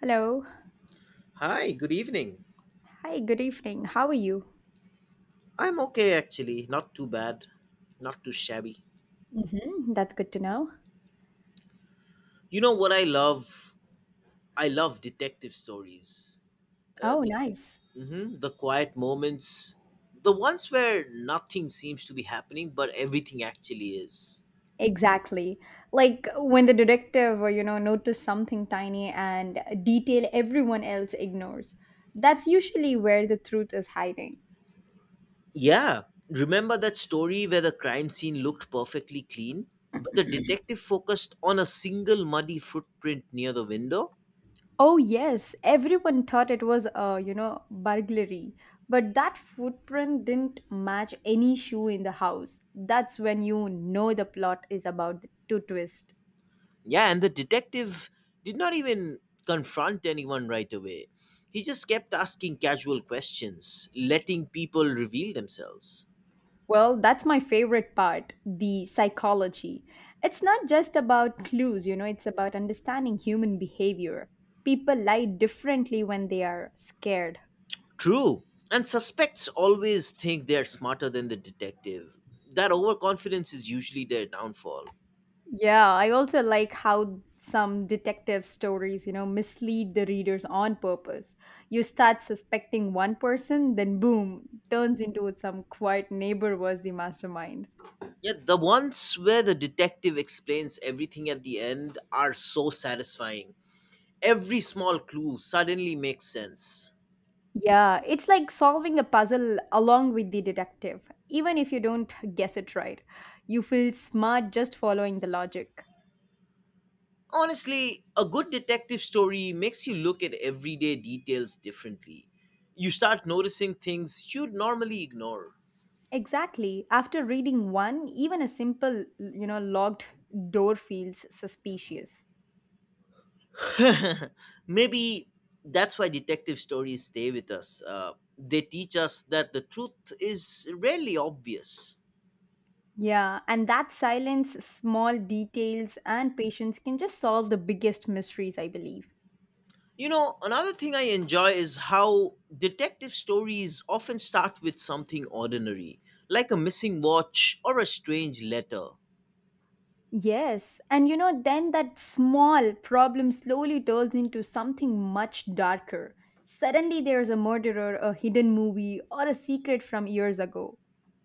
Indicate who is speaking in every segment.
Speaker 1: Hello.
Speaker 2: Hi, good evening.
Speaker 1: Hi, good evening. How are you?
Speaker 2: I'm okay actually, not too bad, not too shabby.
Speaker 1: Hmm, that's good to know.
Speaker 2: You know what I love? I love detective stories. Uh,
Speaker 1: Oh,
Speaker 2: the
Speaker 1: nice.
Speaker 2: mhm, the quiet moments, the ones where nothing seems to be happening but everything actually is.
Speaker 1: Exactly. Like when the detective, notice something tiny and a detail everyone else ignores. That's usually where the truth is hiding.
Speaker 2: Yeah, remember that story where the crime scene looked perfectly clean, but the detective focused on a single muddy footprint near the window?
Speaker 1: Oh, yes. Everyone thought it was a, burglary, but that footprint didn't match any shoe in the house. That's when you know the plot is about to twist.
Speaker 2: Yeah, and the detective did not even confront anyone right away. He just kept asking casual questions, letting people reveal themselves.
Speaker 1: Well, that's my favorite part, the psychology. It's not just about clues, you know, it's about understanding human behavior. People lie differently when they are scared.
Speaker 2: True, and suspects always think they're smarter than the detective. That overconfidence is usually their downfall.
Speaker 1: Yeah, I also like how some detective stories, mislead the readers on purpose. You start suspecting one person, then boom, turns into some quiet neighbor was the mastermind.
Speaker 2: Yet the ones where the detective explains everything at the end are so satisfying. Every small clue suddenly makes sense.
Speaker 1: Yeah, it's like solving a puzzle along with the detective. Even if you don't guess it right, you feel smart just following the logic.
Speaker 2: Honestly, a good detective story makes you look at everyday details differently. You start noticing things you'd normally ignore.
Speaker 1: Exactly. After reading one, even a simple, locked door feels suspicious.
Speaker 2: Maybe that's why detective stories stay with us. They teach us that the truth is rarely obvious.
Speaker 1: Yeah, and that silence, small details, and patience can just solve the biggest mysteries, I believe.
Speaker 2: You know, another thing I enjoy is how detective stories often start with something ordinary, like a missing watch or a strange letter.
Speaker 1: Yes, and then that small problem slowly turns into something much darker. Suddenly, there's a murderer, a hidden movie, or a secret from years ago.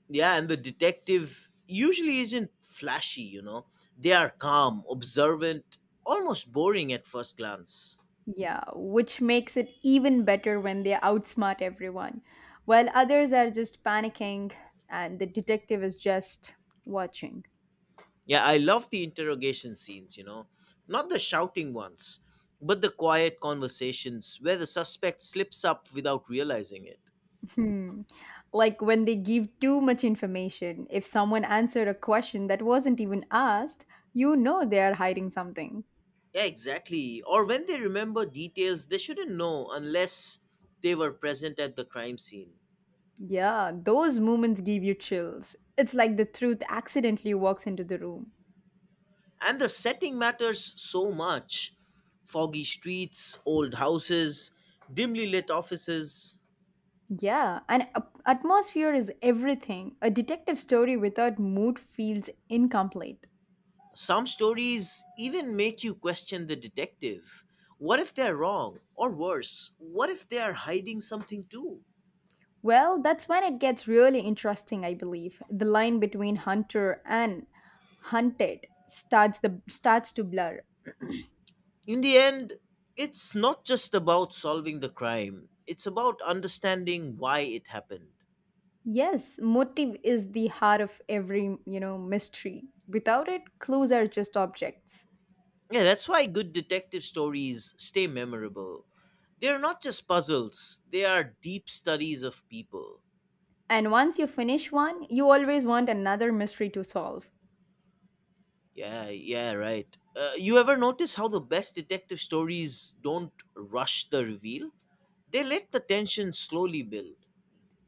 Speaker 2: Yeah, and the detective usually isn't flashy. They are calm, observant, almost boring at first glance.
Speaker 1: Yeah, which makes it even better when they outsmart everyone, while others are just panicking and the detective is just watching.
Speaker 2: Yeah, I love the interrogation scenes, not the shouting ones, but the quiet conversations where the suspect slips up without realizing it.
Speaker 1: Hmm. Like when they give too much information. If someone answered a question that wasn't even asked, you know they are hiding something.
Speaker 2: Yeah, exactly, or when they remember details they shouldn't know unless they were present at the crime scene.
Speaker 1: Yeah, those moments give you chills. It's like the truth accidentally walks into the room.
Speaker 2: And the setting matters so much. Foggy streets, old houses, dimly lit offices.
Speaker 1: Yeah, and atmosphere is everything. A detective story without mood feels incomplete.
Speaker 2: Some stories even make you question the detective. What if they're wrong? Or worse, what if they are hiding something too?
Speaker 1: Well, that's when it gets really interesting, I believe. The line between hunter and hunted starts to blur.
Speaker 2: In the end, it's not just about solving the crime, it's about understanding why it happened.
Speaker 1: Yes, motive is the heart of every, mystery. Without it, clues are just objects.
Speaker 2: Yeah, that's why good detective stories stay memorable. They're not just puzzles, they are deep studies of people.
Speaker 1: And once you finish one, you always want another mystery to solve.
Speaker 2: Yeah, yeah, right. You ever notice how the best detective stories don't rush the reveal? They let the tension slowly build.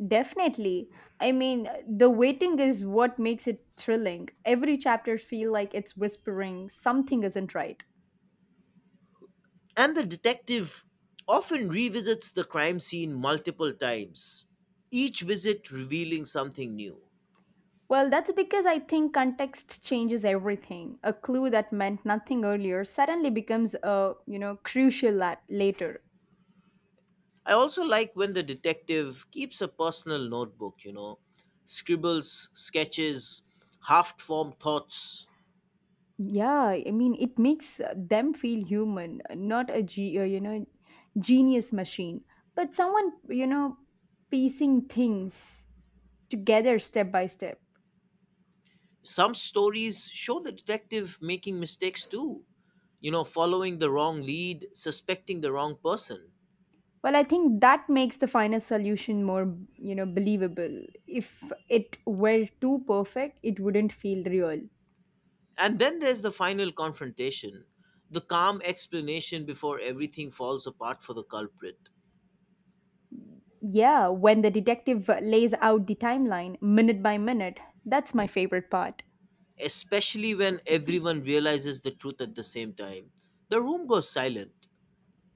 Speaker 1: Definitely. I mean, the waiting is what makes it thrilling. Every chapter feel like it's whispering something isn't right.
Speaker 2: And the detective often revisits the crime scene multiple times, each visit revealing something new.
Speaker 1: Well, that's because I think context changes everything. A clue that meant nothing earlier suddenly becomes a, crucial at later.
Speaker 2: I also like when the detective keeps a personal notebook, scribbles, sketches, half formed thoughts.
Speaker 1: Yeah, I mean, it makes them feel human, not a genius machine, but someone piecing things together step by step.
Speaker 2: Some stories show the detective making mistakes too, following the wrong lead, suspecting the wrong person.
Speaker 1: Well, I think that makes the final solution more believable. If it were too perfect, it wouldn't feel real.
Speaker 2: And then there's the final confrontation, the calm explanation before everything falls apart for the culprit,
Speaker 1: Yeah, when the detective lays out the timeline minute by minute, that's my favorite part.
Speaker 2: especially when everyone realizes the truth at the same time, the room goes silent.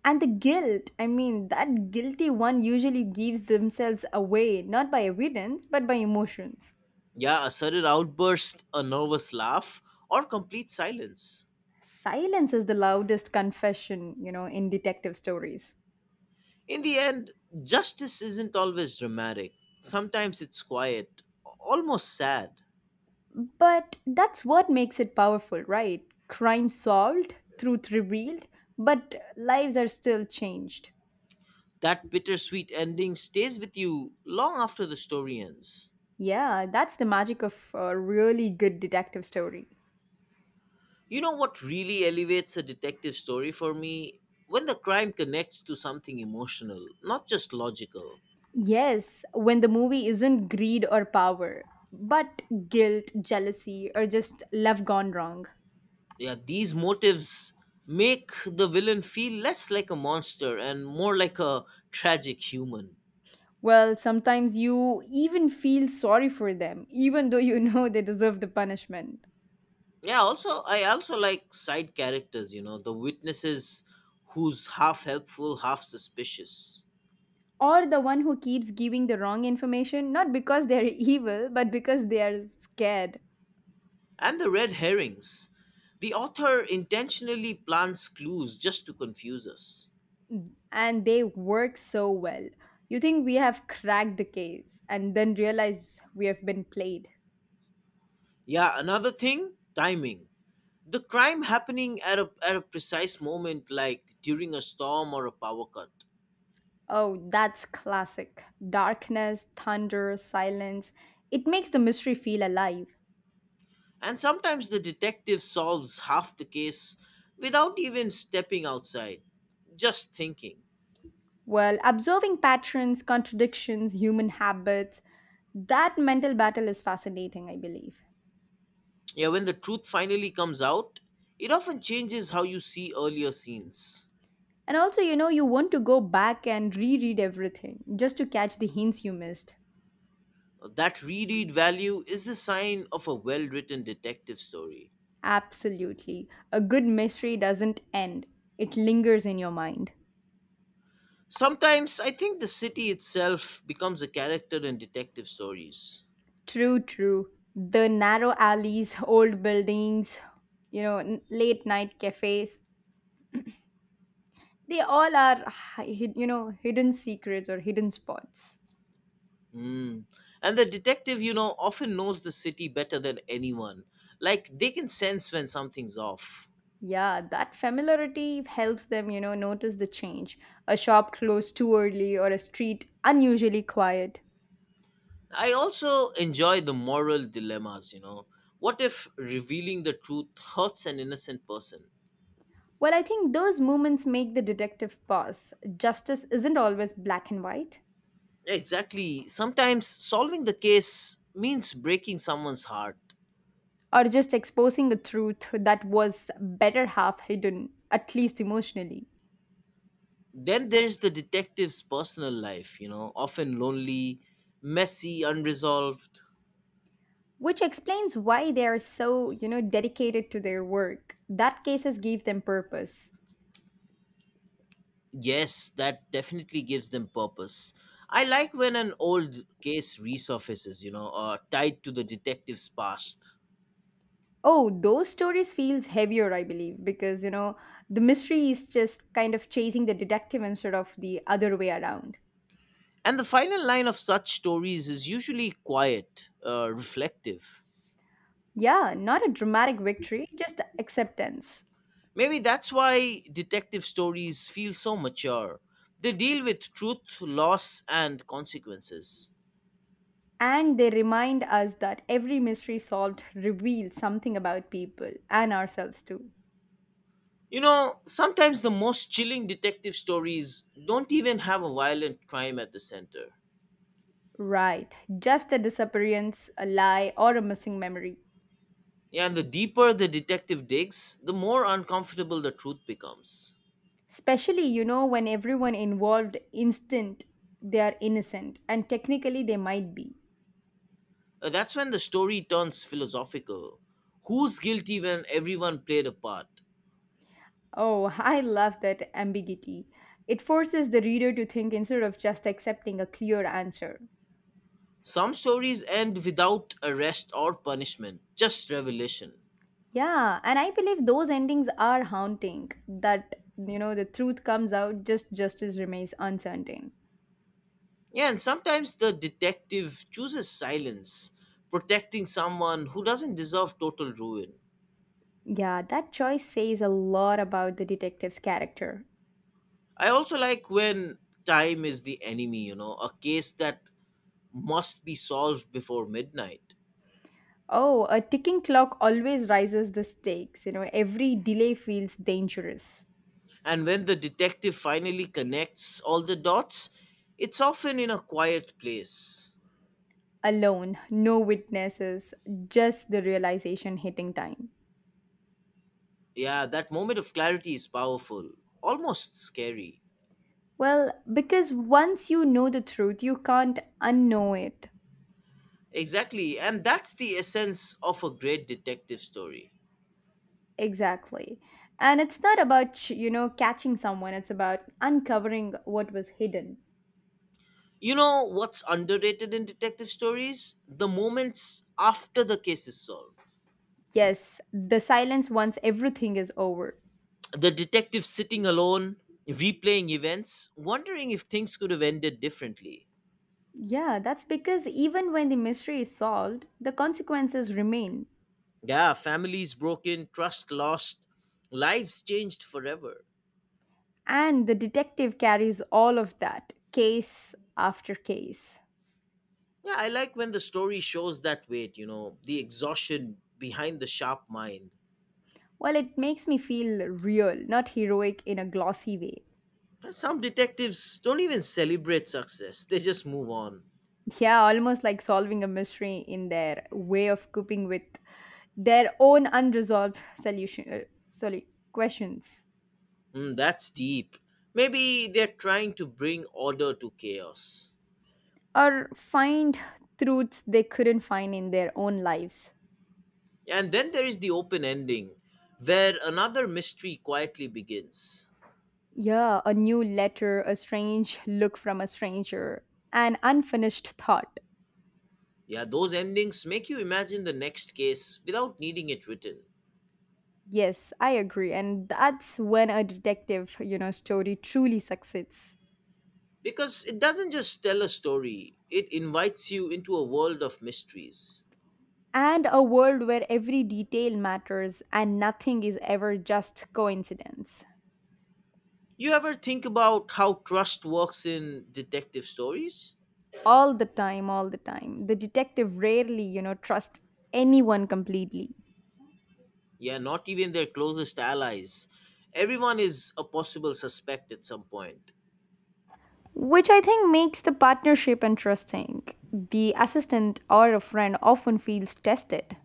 Speaker 1: And the guilt, I mean, that guilty one usually gives themselves away, not by evidence, but by emotions.
Speaker 2: Yeah, a sudden outburst, a nervous laugh, or complete silence.
Speaker 1: Silence is the loudest confession, you know, in detective stories.
Speaker 2: In the end, justice isn't always dramatic. Sometimes it's quiet, almost sad.
Speaker 1: But that's what makes it powerful, right? Crime solved, truth revealed, but lives are still changed.
Speaker 2: That bittersweet ending stays with you long after the story ends.
Speaker 1: Yeah, that's the magic of a really good detective story.
Speaker 2: You know what really elevates a detective story for me? When the crime connects to something emotional, not just logical.
Speaker 1: Yes, when the movie isn't greed or power, but guilt, jealousy, or just love gone wrong.
Speaker 2: Yeah, these motives make the villain feel less like a monster and more like a tragic human.
Speaker 1: Well, sometimes you even feel sorry for them, even though you know they deserve the punishment.
Speaker 2: Yeah, also I also like side characters, the witnesses who's half helpful, half suspicious.
Speaker 1: Or the one who keeps giving the wrong information, not because they're evil, but because they are scared.
Speaker 2: And the red herrings. The author intentionally plants clues just to confuse us.
Speaker 1: And they work so well. You think we have cracked the case and then realize we have been played.
Speaker 2: Yeah, another thing, timing. The crime happening at a precise moment like during a storm or a power cut.
Speaker 1: Oh, that's classic. Darkness, thunder, silence. It makes the mystery feel alive.
Speaker 2: And sometimes the detective solves half the case without even stepping outside, just thinking.
Speaker 1: Well, observing patterns, contradictions, human habits, that mental battle is fascinating, I believe.
Speaker 2: Yeah, when the truth finally comes out, it often changes how you see earlier scenes.
Speaker 1: And also, you want to go back and reread everything just to catch the hints you missed.
Speaker 2: That reread value is the sign of a well written detective story.
Speaker 1: Absolutely. A good mystery doesn't end, it lingers in your mind.
Speaker 2: Sometimes I think the city itself becomes a character in detective stories.
Speaker 1: True, true. The narrow alleys, old buildings, late night cafes, they all are, hidden secrets or hidden spots.
Speaker 2: Mm. And the detective, often knows the city better than anyone. Like, they can sense when something's off.
Speaker 1: Yeah, that familiarity helps them, notice the change. A shop closed too early or a street unusually quiet.
Speaker 2: I also enjoy the moral dilemmas, you know. What if revealing the truth hurts an innocent person?
Speaker 1: Well, I think those moments make the detective pause. Justice isn't always black and white,
Speaker 2: Exactly. Sometimes solving the case means breaking someone's heart.
Speaker 1: or just exposing a truth that was better half hidden, at least emotionally.
Speaker 2: Then there's the detective's personal life, often lonely, messy, unresolved.
Speaker 1: Which explains why they are so, dedicated to their work. That cases give them purpose.
Speaker 2: Yes, that definitely gives them purpose. I like when an old case resurfaces, tied to the detective's past.
Speaker 1: Oh, those stories feels heavier, I believe, because you know the mystery is just kind of chasing the detective instead of the other way around.
Speaker 2: And the final line of such stories is usually quiet, reflective.
Speaker 1: Yeah, not a dramatic victory, just acceptance.
Speaker 2: Maybe that's why detective stories feel so mature. They deal with truth, loss, and consequences.
Speaker 1: And they remind us that every mystery solved reveals something about people and ourselves too.
Speaker 2: You know, sometimes the most chilling detective stories don't even have a violent crime at the center.
Speaker 1: Right, just a disappearance, a lie, or a missing memory.
Speaker 2: Yeah, and the deeper the detective digs, the more uncomfortable the truth becomes.
Speaker 1: Especially, when everyone involved instant they are innocent and technically they might be.
Speaker 2: That's when the story turns philosophical. Who's guilty when everyone played a part?
Speaker 1: Oh, I love that ambiguity. It forces the reader to think instead of just accepting a clear answer.
Speaker 2: Some stories end without arrest or punishment, just revelation.
Speaker 1: Yeah, and I believe those endings are haunting that you know the truth comes out just justice remains uncertain.
Speaker 2: Yeah, and sometimes the detective chooses silence, protecting someone who doesn't deserve total ruin.
Speaker 1: Yeah, that choice says a lot about the detective's character.
Speaker 2: I also like when time is the enemy, a case that must be solved before midnight.
Speaker 1: Oh, a ticking clock always rises the stakes. You know, every delay feels dangerous.
Speaker 2: And when the detective finally connects all the dots, it's often in a quiet place.
Speaker 1: Alone, no witnesses, just the realization hitting time.
Speaker 2: Yeah, that moment of clarity is powerful, almost scary.
Speaker 1: Well, because once you know the truth, you can't unknow it.
Speaker 2: Exactly, and that's the essence of a great detective story.
Speaker 1: Exactly. And it's not about, catching someone, it's about uncovering what was hidden.
Speaker 2: You know what's underrated in detective stories? The moments after the case is solved.
Speaker 1: Yes, the silence once everything is over.
Speaker 2: The detective sitting alone, replaying events, wondering if things could have ended differently.
Speaker 1: Yeah, that's because even when the mystery is solved, the consequences remain.
Speaker 2: Yeah, families broken, trust lost, lives changed forever.
Speaker 1: And the detective carries all of that, case after case.
Speaker 2: Yeah, I like when the story shows that weight, the exhaustion behind the sharp mind.
Speaker 1: Well, it makes me feel real, not heroic in a glossy way.
Speaker 2: Some detectives don't even celebrate success, they just move on.
Speaker 1: Yeah, almost like solving a mystery in their way of coping with their own unresolved solution, sorry, questions,
Speaker 2: Mm, that's deep. Maybe they're trying to bring order to chaos.
Speaker 1: or find truths they couldn't find in their own lives.
Speaker 2: And then there is the open ending, where another mystery quietly begins.
Speaker 1: Yeah, a new letter, a strange look from a stranger, an unfinished thought.
Speaker 2: Yeah, those endings make you imagine the next case without needing it written.
Speaker 1: Yes, I agree, and that's when a detective, story truly succeeds.
Speaker 2: Because it doesn't just tell a story, it invites you into a world of mysteries.
Speaker 1: And a world where every detail matters and nothing is ever just coincidence.
Speaker 2: You ever think about how trust works in detective stories?
Speaker 1: All the time. The detective rarely trusts anyone completely,
Speaker 2: Yeah, not even their closest allies. Everyone is a possible suspect at some point.
Speaker 1: which I think makes the partnership interesting. The assistant or a friend often feels tested,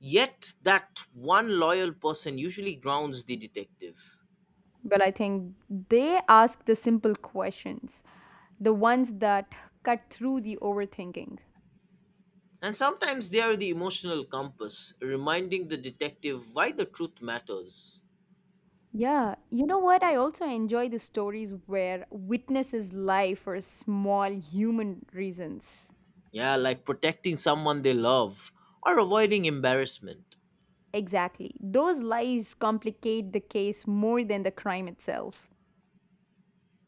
Speaker 2: Yet, that one loyal person usually grounds the detective.
Speaker 1: but I think they ask the simple questions, the ones that cut through the overthinking.
Speaker 2: And sometimes they are the emotional compass, reminding the detective why the truth matters.
Speaker 1: Yeah, you know what? I also enjoy the stories where witnesses lie for small human reasons.
Speaker 2: Yeah, like protecting someone they love or avoiding embarrassment.
Speaker 1: Exactly. Those lies complicate the case more than the crime itself.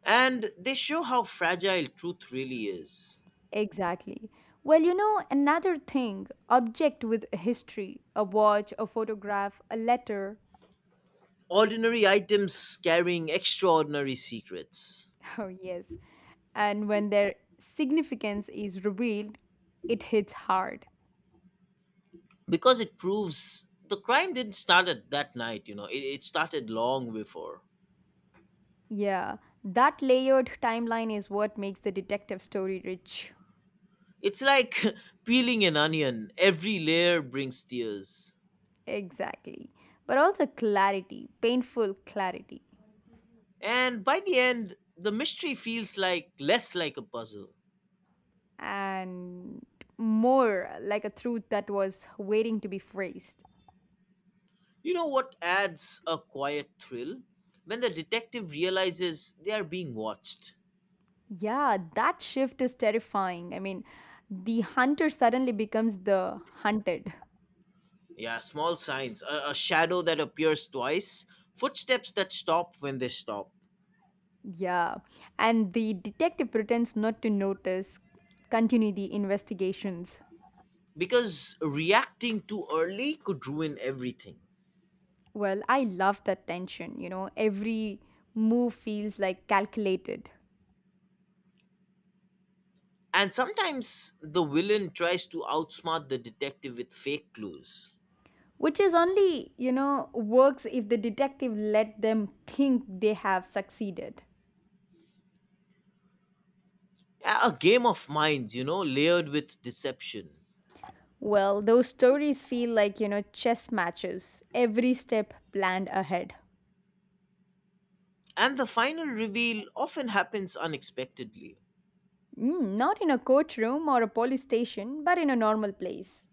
Speaker 2: And they show how fragile truth really is.
Speaker 1: Exactly. Well, another thing, object with a history, a watch, a photograph, a letter.
Speaker 2: Ordinary items carrying extraordinary secrets.
Speaker 1: Oh, yes. And when their significance is revealed, it hits hard.
Speaker 2: Because it proves the crime didn't start at that night, it started long before.
Speaker 1: Yeah, that layered timeline is what makes the detective story rich.
Speaker 2: It's like peeling an onion, every layer brings tears.
Speaker 1: Exactly. But also clarity, painful clarity.
Speaker 2: And by the end, the mystery feels like less like a puzzle.
Speaker 1: And more like a truth that was waiting to be phrased.
Speaker 2: You know what adds a quiet thrill? When the detective realizes they are being watched.
Speaker 1: Yeah, that shift is terrifying. I mean, the hunter suddenly becomes the hunted.
Speaker 2: Yeah, small signs, a shadow that appears twice, footsteps that stop when they stop.
Speaker 1: Yeah, and the detective pretends not to notice, continue the investigations.
Speaker 2: Because reacting too early could ruin everything.
Speaker 1: Well, I love that tension, you know, every move feels like calculated,
Speaker 2: And sometimes the villain tries to outsmart the detective with fake clues.
Speaker 1: which is only, works if the detective let them think they have succeeded.
Speaker 2: A game of minds, layered with deception.
Speaker 1: Well, those stories feel like, chess matches, every step planned ahead.
Speaker 2: And the final reveal often happens unexpectedly.
Speaker 1: Mm, not in a courtroom or a police station, but in a normal place.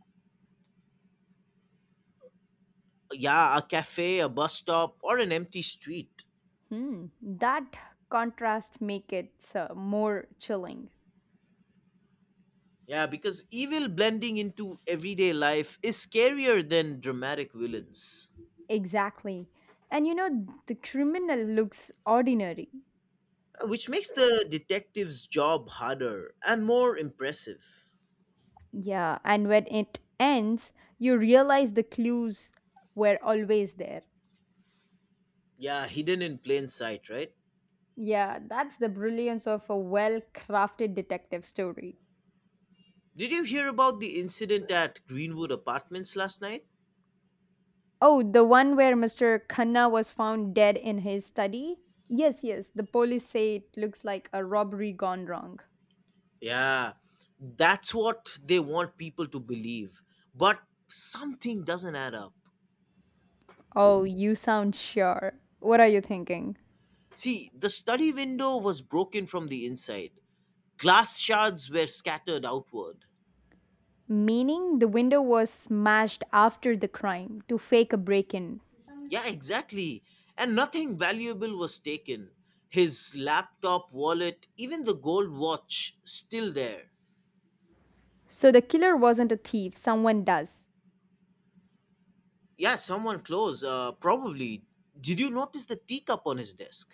Speaker 2: Yeah, a cafe, a bus stop, or an empty street.
Speaker 1: Hmm, that contrast make it more chilling.
Speaker 2: Yeah, because evil blending into everyday life is scarier than dramatic villains,
Speaker 1: Exactly. And you know, the criminal looks ordinary.
Speaker 2: which makes the detective's job harder and more impressive.
Speaker 1: Yeah, and when it ends, you realize the clues were always there.
Speaker 2: Yeah, hidden in plain sight, right?
Speaker 1: Yeah, that's the brilliance of a well crafted detective story.
Speaker 2: Did you hear about the incident at Greenwood Apartments last night?
Speaker 1: Oh, the one where Mr. Khanna was found dead in his study? Yes, yes. The police say it looks like a robbery gone wrong.
Speaker 2: Yeah, that's what they want people to believe. But something doesn't add up.
Speaker 1: Oh, you sound sure. What are you thinking?
Speaker 2: See, the study window was broken from the inside, glass shards were scattered outward.
Speaker 1: Meaning the window was smashed after the crime to fake a break in.
Speaker 2: Yeah, exactly. And nothing valuable was taken. His laptop, wallet, even the gold watch, still there.
Speaker 1: So the killer wasn't a thief, someone does.
Speaker 2: Yeah, someone close, probably. Did you notice the teacup on his desk?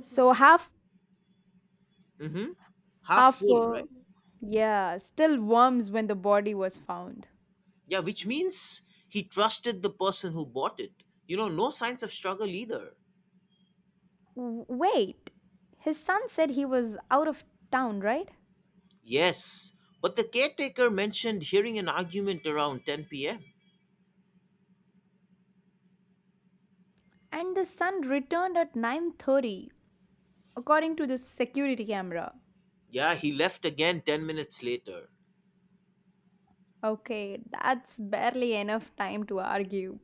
Speaker 1: So half,
Speaker 2: Mm hmm. Half
Speaker 1: half,
Speaker 2: full, right?
Speaker 1: yeah, still worms when the body was found.
Speaker 2: Yeah, which means he trusted the person who bought it. You know, no signs of struggle either.
Speaker 1: Wait, his son said he was out of town, right?
Speaker 2: Yes, but the caretaker mentioned hearing an argument around 10 p.m.
Speaker 1: And the sun returned at 9:30 according to the security camera.
Speaker 2: Yeah, he left again 10 minutes later.
Speaker 1: Okay, that's barely enough time to argue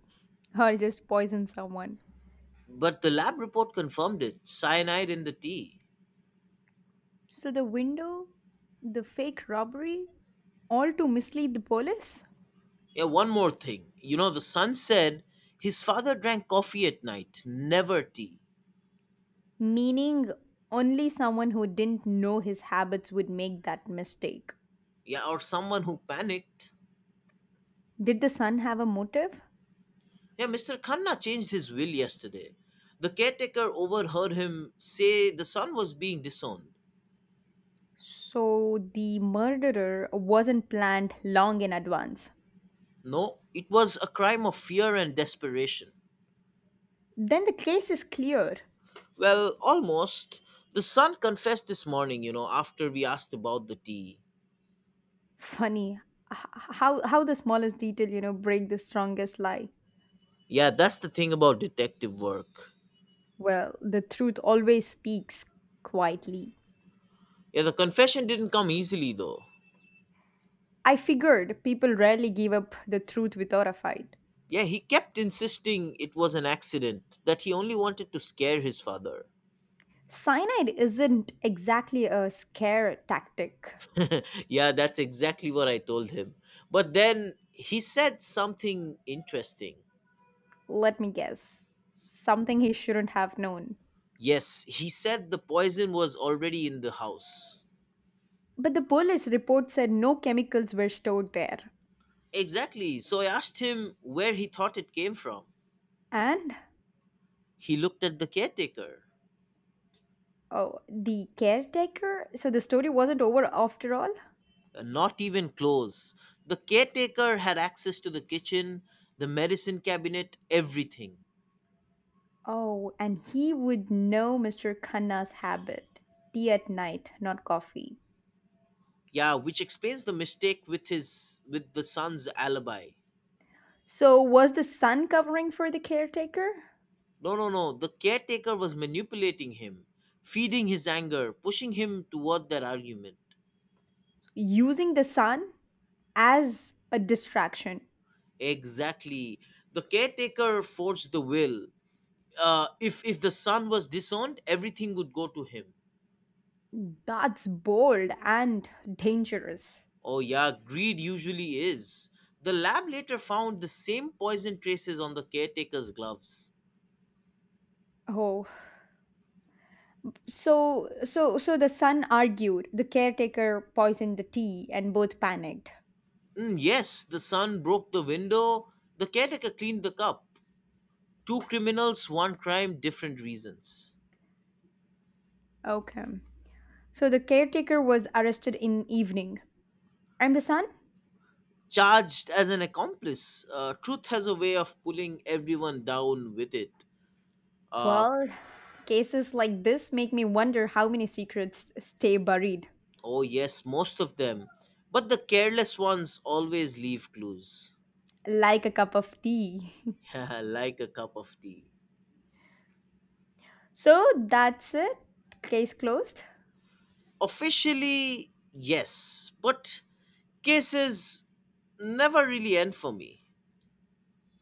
Speaker 1: or just poison someone.
Speaker 2: But the lab report confirmed it cyanide in the tea.
Speaker 1: So the window, the fake robbery, all to mislead the police,
Speaker 2: Yeah, one more thing. You know, the son said his father drank coffee at night, never tea.
Speaker 1: meaning only someone who didn't know his habits would make that mistake.
Speaker 2: Yeah, or someone who panicked.
Speaker 1: Did the son have a motive?
Speaker 2: Yeah, Mr. Khanna changed his will yesterday. The caretaker overheard him say the son was being disowned.
Speaker 1: So the murderer wasn't planned long in advance.
Speaker 2: No, it was a crime of fear and desperation.
Speaker 1: Then the case is clear.
Speaker 2: Well, almost. The son confessed this morning, you know, after we asked about the tea.
Speaker 1: Funny h- how the smallest detail, break the strongest lie.
Speaker 2: Yeah, that's the thing about detective work.
Speaker 1: Well, the truth always speaks quietly.
Speaker 2: Yeah, the confession didn't come easily, though.
Speaker 1: I figured people rarely give up the truth without a fight.
Speaker 2: Yeah, he kept insisting it was an accident, that he only wanted to scare his father.
Speaker 1: Cyanide isn't exactly a scare tactic.
Speaker 2: Yeah, that's exactly what I told him. But then he said something interesting.
Speaker 1: Let me guess. Something he shouldn't have known.
Speaker 2: Yes, he said the poison was already in the house.
Speaker 1: But the police report said no chemicals were stored there.
Speaker 2: Exactly. So I asked him where he thought it came from.
Speaker 1: And
Speaker 2: He looked at the caretaker.
Speaker 1: oh, the caretaker? So the story wasn't over after all?
Speaker 2: Not even close. The caretaker had access to the kitchen, the medicine cabinet, everything.
Speaker 1: Oh, and he would know Mr. Khanna's habit, tea at night, not coffee.
Speaker 2: Yeah, which explains the mistake with his with the son's alibi.
Speaker 1: So, was the sun covering for the caretaker?
Speaker 2: No, no, no. The caretaker was manipulating him, feeding his anger, pushing him toward their argument.
Speaker 1: Using the sun as a distraction.
Speaker 2: Exactly. The caretaker forged the will. If the son was disowned, everything would go to him.
Speaker 1: That's bold and dangerous.
Speaker 2: Oh yeah, greed usually is. The lab later found the same poison traces on the caretaker's gloves.
Speaker 1: Oh, so the son argued. The caretaker poisoned the tea and both panicked.
Speaker 2: Mm, yes, the son broke the window. The caretaker cleaned the cup. Two criminals, one crime, different reasons.
Speaker 1: Okay. So the caretaker was arrested in evening. And the son?
Speaker 2: Charged as an accomplice. Truth has a way of pulling everyone down with it. Uh,
Speaker 1: Well, cases like this make me wonder how many secrets stay buried,
Speaker 2: oh, yes, most of them. But the careless ones always leave clues.
Speaker 1: like a cup of tea.
Speaker 2: Like a cup of tea.
Speaker 1: So that's it. Case closed.
Speaker 2: Officially, yes, but cases never really end for me.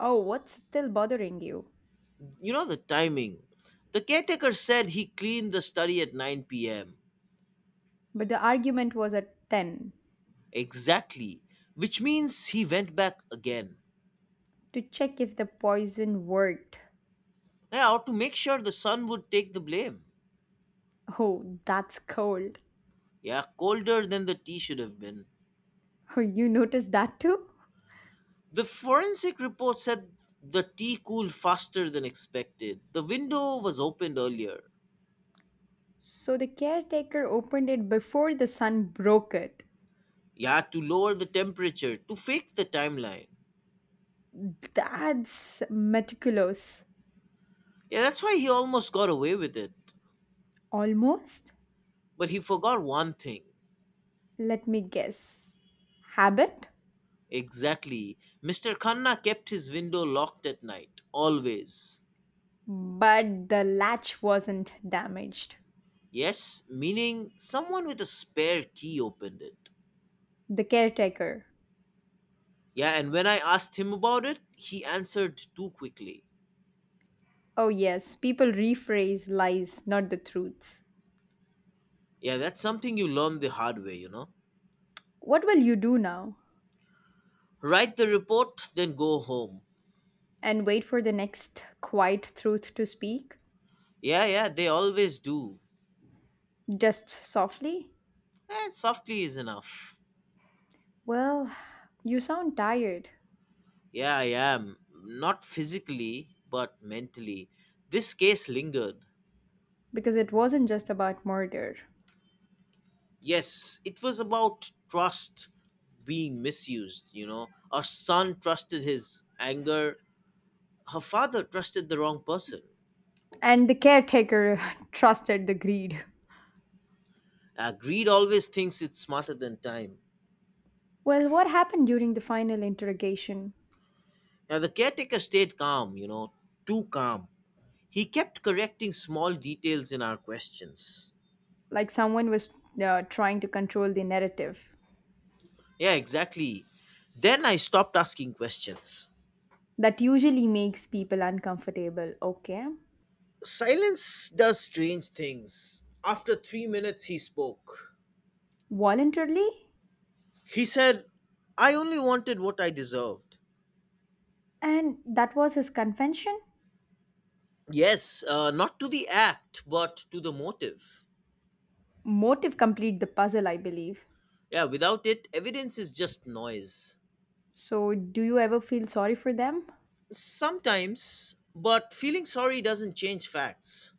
Speaker 1: Oh, what's still bothering you?
Speaker 2: You know the timing. The caretaker said he cleaned the study at 9 pm.
Speaker 1: But the argument was at 10
Speaker 2: Exactly, which means he went back again.
Speaker 1: to check if the poison worked.
Speaker 2: Yeah, or to make sure the son would take the blame.
Speaker 1: Oh, that's cold.
Speaker 2: Yeah, colder than the tea should have been.
Speaker 1: Oh, you noticed that too?
Speaker 2: The forensic report said the tea cooled faster than expected. The window was opened earlier.
Speaker 1: So the caretaker opened it before the sun broke it.
Speaker 2: Yeah, to lower the temperature, to fake the timeline.
Speaker 1: That's meticulous.
Speaker 2: Yeah, that's why he almost got away with it.
Speaker 1: Almost?
Speaker 2: But he forgot one thing.
Speaker 1: Let me guess. Habit?
Speaker 2: Exactly. Mr. Khanna kept his window locked at night, always.
Speaker 1: But the latch wasn't damaged.
Speaker 2: Yes, meaning someone with a spare key opened it.
Speaker 1: The caretaker.
Speaker 2: Yeah, and when I asked him about it, he answered too quickly.
Speaker 1: Oh, yes, people rephrase lies, not the truths.
Speaker 2: Yeah, that's something you learn the hard way, you know.
Speaker 1: What will you do now?
Speaker 2: Write the report, then go home.
Speaker 1: And wait for the next quiet truth to speak?
Speaker 2: Yeah, yeah, they always do.
Speaker 1: Just softly?
Speaker 2: Softly is enough.
Speaker 1: Well, you sound tired
Speaker 2: Yeah, I am. Not physically, but mentally. This case lingered.
Speaker 1: because it wasn't just about murder.
Speaker 2: Yes, it was about trust being misused, you know. Our son trusted his anger, her father trusted the wrong person.
Speaker 1: And the caretaker trusted the greed.
Speaker 2: Greed always thinks it's smarter than time.
Speaker 1: Well, what happened during the final interrogation?
Speaker 2: Now, the caretaker stayed calm, you know, too calm. He kept correcting small details in our questions.
Speaker 1: Like someone was trying to control the narrative.
Speaker 2: Yeah, exactly. Then I stopped asking questions.
Speaker 1: That usually makes people uncomfortable. Okay.
Speaker 2: Silence does strange things. After 3 minutes, he spoke.
Speaker 1: Voluntarily?
Speaker 2: He said, I only wanted what I deserved.
Speaker 1: And that was his confession?
Speaker 2: Yes, not to the act, but to the motive.
Speaker 1: Motive complete the puzzle, I believe.
Speaker 2: Yeah, without it, evidence is just noise.
Speaker 1: So, do you ever feel sorry for them?
Speaker 2: Sometimes, but feeling sorry doesn't change facts.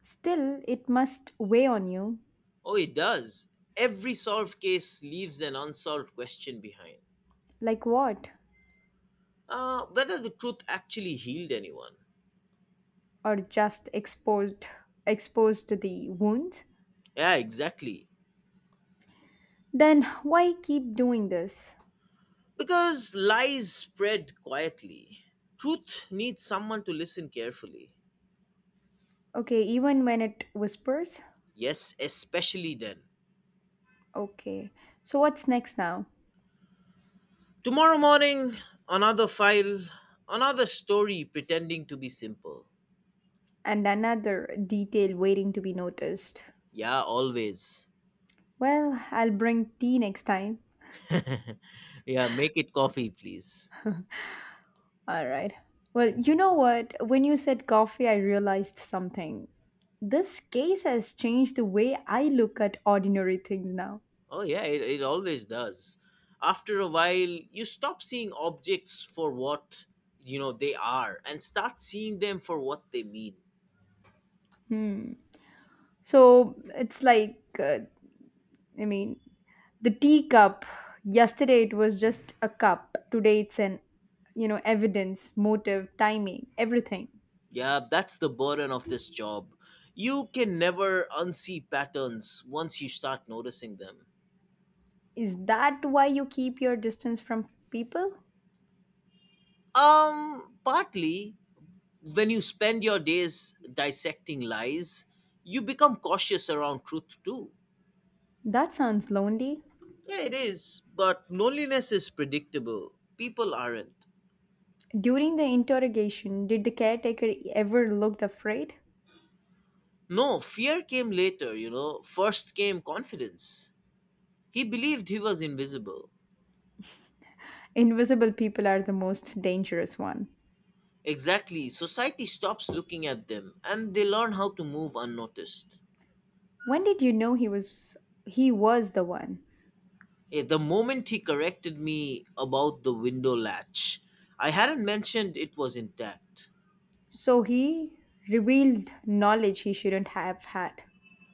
Speaker 1: Still, it must weigh on you.
Speaker 2: Oh, it does. Every solved case leaves an unsolved question behind.
Speaker 1: Like what?
Speaker 2: Whether the truth actually healed anyone.
Speaker 1: Or just exposed to the wounds?
Speaker 2: Yeah, exactly.
Speaker 1: Then why keep doing this?
Speaker 2: Because lies spread quietly. Truth needs someone to listen carefully.
Speaker 1: Okay, even when it whispers?
Speaker 2: Yes, especially then.
Speaker 1: Okay. So what's next now?
Speaker 2: Tomorrow morning, another file, another story pretending to be simple.
Speaker 1: And another detail waiting to be noticed.
Speaker 2: Yeah, always.
Speaker 1: Well, I'll bring tea next time.
Speaker 2: Yeah, make it coffee, please.
Speaker 1: Alright. Well, you know what? When you said coffee, I realized something. This case has changed the way I look at ordinary things now.
Speaker 2: Oh yeah, it always does. After a while, you stop seeing objects for what you know they are and start seeing them for what they mean.
Speaker 1: Hmm. So it's like, I mean, the teacup. Yesterday it was just a cup. Today it's an, evidence, motive, timing, everything.
Speaker 2: Yeah, that's the burden of this job. You can never unsee patterns once you start noticing them.
Speaker 1: Is that why you keep your distance from people?
Speaker 2: Partly when you spend your days dissecting lies, you become cautious around truth too.
Speaker 1: That sounds lonely.
Speaker 2: Yeah, it is, but loneliness is predictable. People aren't.
Speaker 1: During the interrogation, did the caretaker ever looked afraid?
Speaker 2: No, fear came later, you know. First came confidence. He believed he was invisible.
Speaker 1: Invisible people are the most dangerous one.
Speaker 2: Exactly, society stops looking at them and they learn how to move unnoticed.
Speaker 1: When did you know he was the one?
Speaker 2: The moment he corrected me about the window latch, I hadn't mentioned it was intact.
Speaker 1: So he revealed knowledge he shouldn't have had.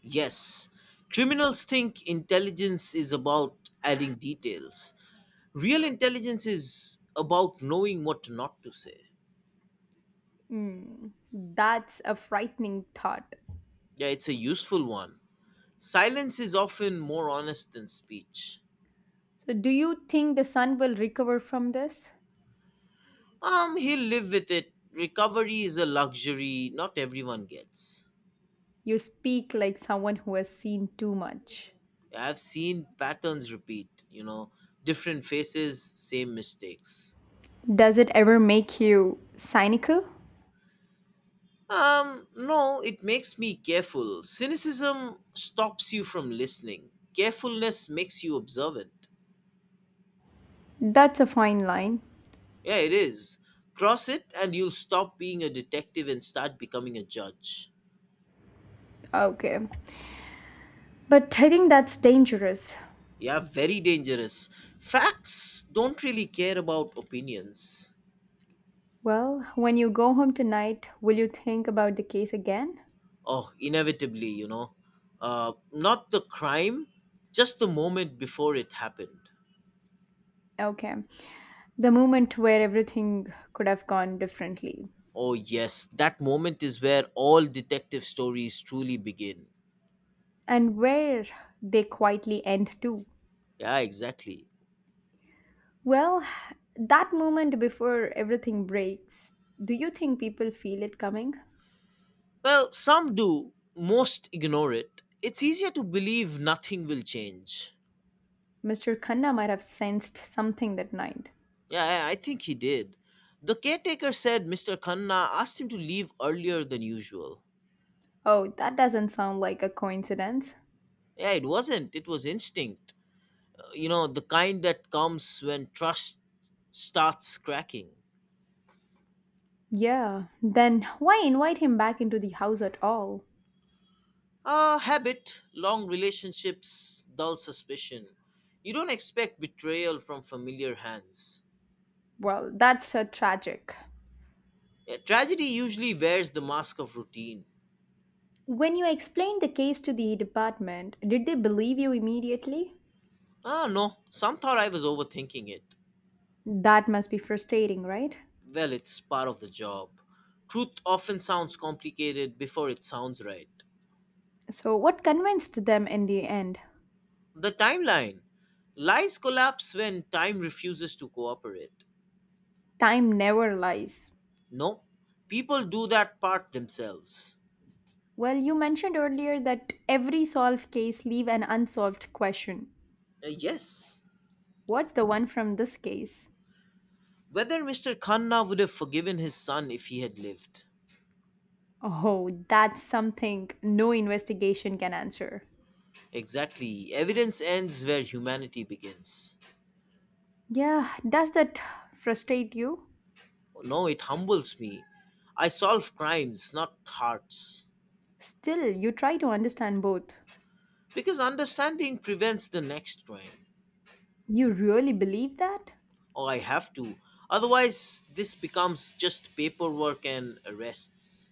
Speaker 2: Yes, criminals think intelligence is about adding details. Real intelligence is about knowing what not to say.
Speaker 1: Hmm, that's a frightening thought.
Speaker 2: Yeah, it's a useful one. Silence is often more honest than speech.
Speaker 1: So do you think the son will recover from this?
Speaker 2: He'll live with it. Recovery is a luxury not everyone gets.
Speaker 1: You speak like someone who has seen too much.
Speaker 2: Yeah, I've seen patterns repeat, you know, different faces, same mistakes.
Speaker 1: Does it ever make you cynical?
Speaker 2: No, it makes me careful. Cynicism stops you from listening. Carefulness makes you observant.
Speaker 1: That's a fine line.
Speaker 2: Yeah, it is. Cross it and you'll stop being a detective and start becoming a judge.
Speaker 1: Okay. But I think that's dangerous.
Speaker 2: Yeah, very dangerous. Facts don't really care about opinions.
Speaker 1: Well, when you go home tonight, will you think about the case again?
Speaker 2: Oh, inevitably, you know. Not the crime, just the moment before it happened.
Speaker 1: Okay. The moment where everything could have gone differently
Speaker 2: Oh, yes, that moment is where all detective stories truly begin.
Speaker 1: and where they quietly end too.
Speaker 2: Yeah, exactly.
Speaker 1: Well, that moment before everything breaks, do you think people feel it coming?
Speaker 2: Well, some do, most ignore it. It's easier to believe nothing will change.
Speaker 1: Mr. Khanna might have sensed something that night.
Speaker 2: Yeah, I think he did. The caretaker said Mr. Khanna asked him to leave earlier than usual.
Speaker 1: Oh, that doesn't sound like a coincidence.
Speaker 2: Yeah, it wasn't. It was instinct. You know, the kind that comes when trust starts cracking.
Speaker 1: Yeah, then why invite him back into the house at all?
Speaker 2: Ah, habit, long relationships, dull suspicion. You don't expect betrayal from familiar hands.
Speaker 1: Well, that's a tragic.
Speaker 2: Yeah, tragedy usually wears the mask of routine.
Speaker 1: When you explained the case to the department, did they believe you immediately?
Speaker 2: Ah, no, some thought I was overthinking it.
Speaker 1: That must be frustrating, right?
Speaker 2: Well, it's part of the job. Truth often sounds complicated before it sounds right.
Speaker 1: So, what convinced them in the end?
Speaker 2: The timeline. Lies collapse when time refuses to cooperate.
Speaker 1: Time never lies.
Speaker 2: No, people do that part themselves.
Speaker 1: Well, you mentioned earlier that every solved case leave an unsolved question.
Speaker 2: Yes.
Speaker 1: What's the one from this case?
Speaker 2: Whether Mr. Khanna would have forgiven his son if he had lived.
Speaker 1: Oh, that's something no investigation can answer.
Speaker 2: Exactly. Evidence ends where humanity begins.
Speaker 1: Yeah, does that frustrate you?
Speaker 2: No, it humbles me. I solve crimes, not hearts.
Speaker 1: Still, you try to understand both.
Speaker 2: Because understanding prevents the next crime.
Speaker 1: You really believe that?
Speaker 2: Or I have to. Otherwise, this becomes just paperwork and arrests.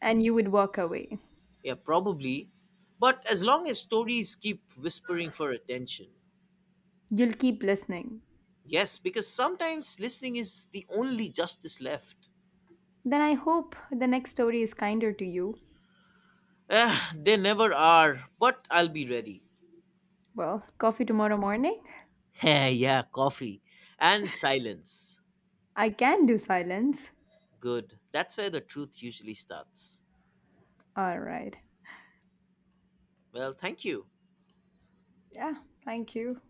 Speaker 1: And you would walk away.
Speaker 2: Yeah, probably. But as long as stories keep whispering for attention,
Speaker 1: You'll keep listening.
Speaker 2: yes, because sometimes listening is the only justice left.
Speaker 1: Then I hope the next story is kinder to you.
Speaker 2: Ah, they never are, but I'll be ready.
Speaker 1: Well, coffee tomorrow morning?
Speaker 2: Yeah, coffee and silence.
Speaker 1: I can do silence.
Speaker 2: Good. That's where the truth usually starts.
Speaker 1: All right.
Speaker 2: Well, thank you.
Speaker 1: Yeah, thank you.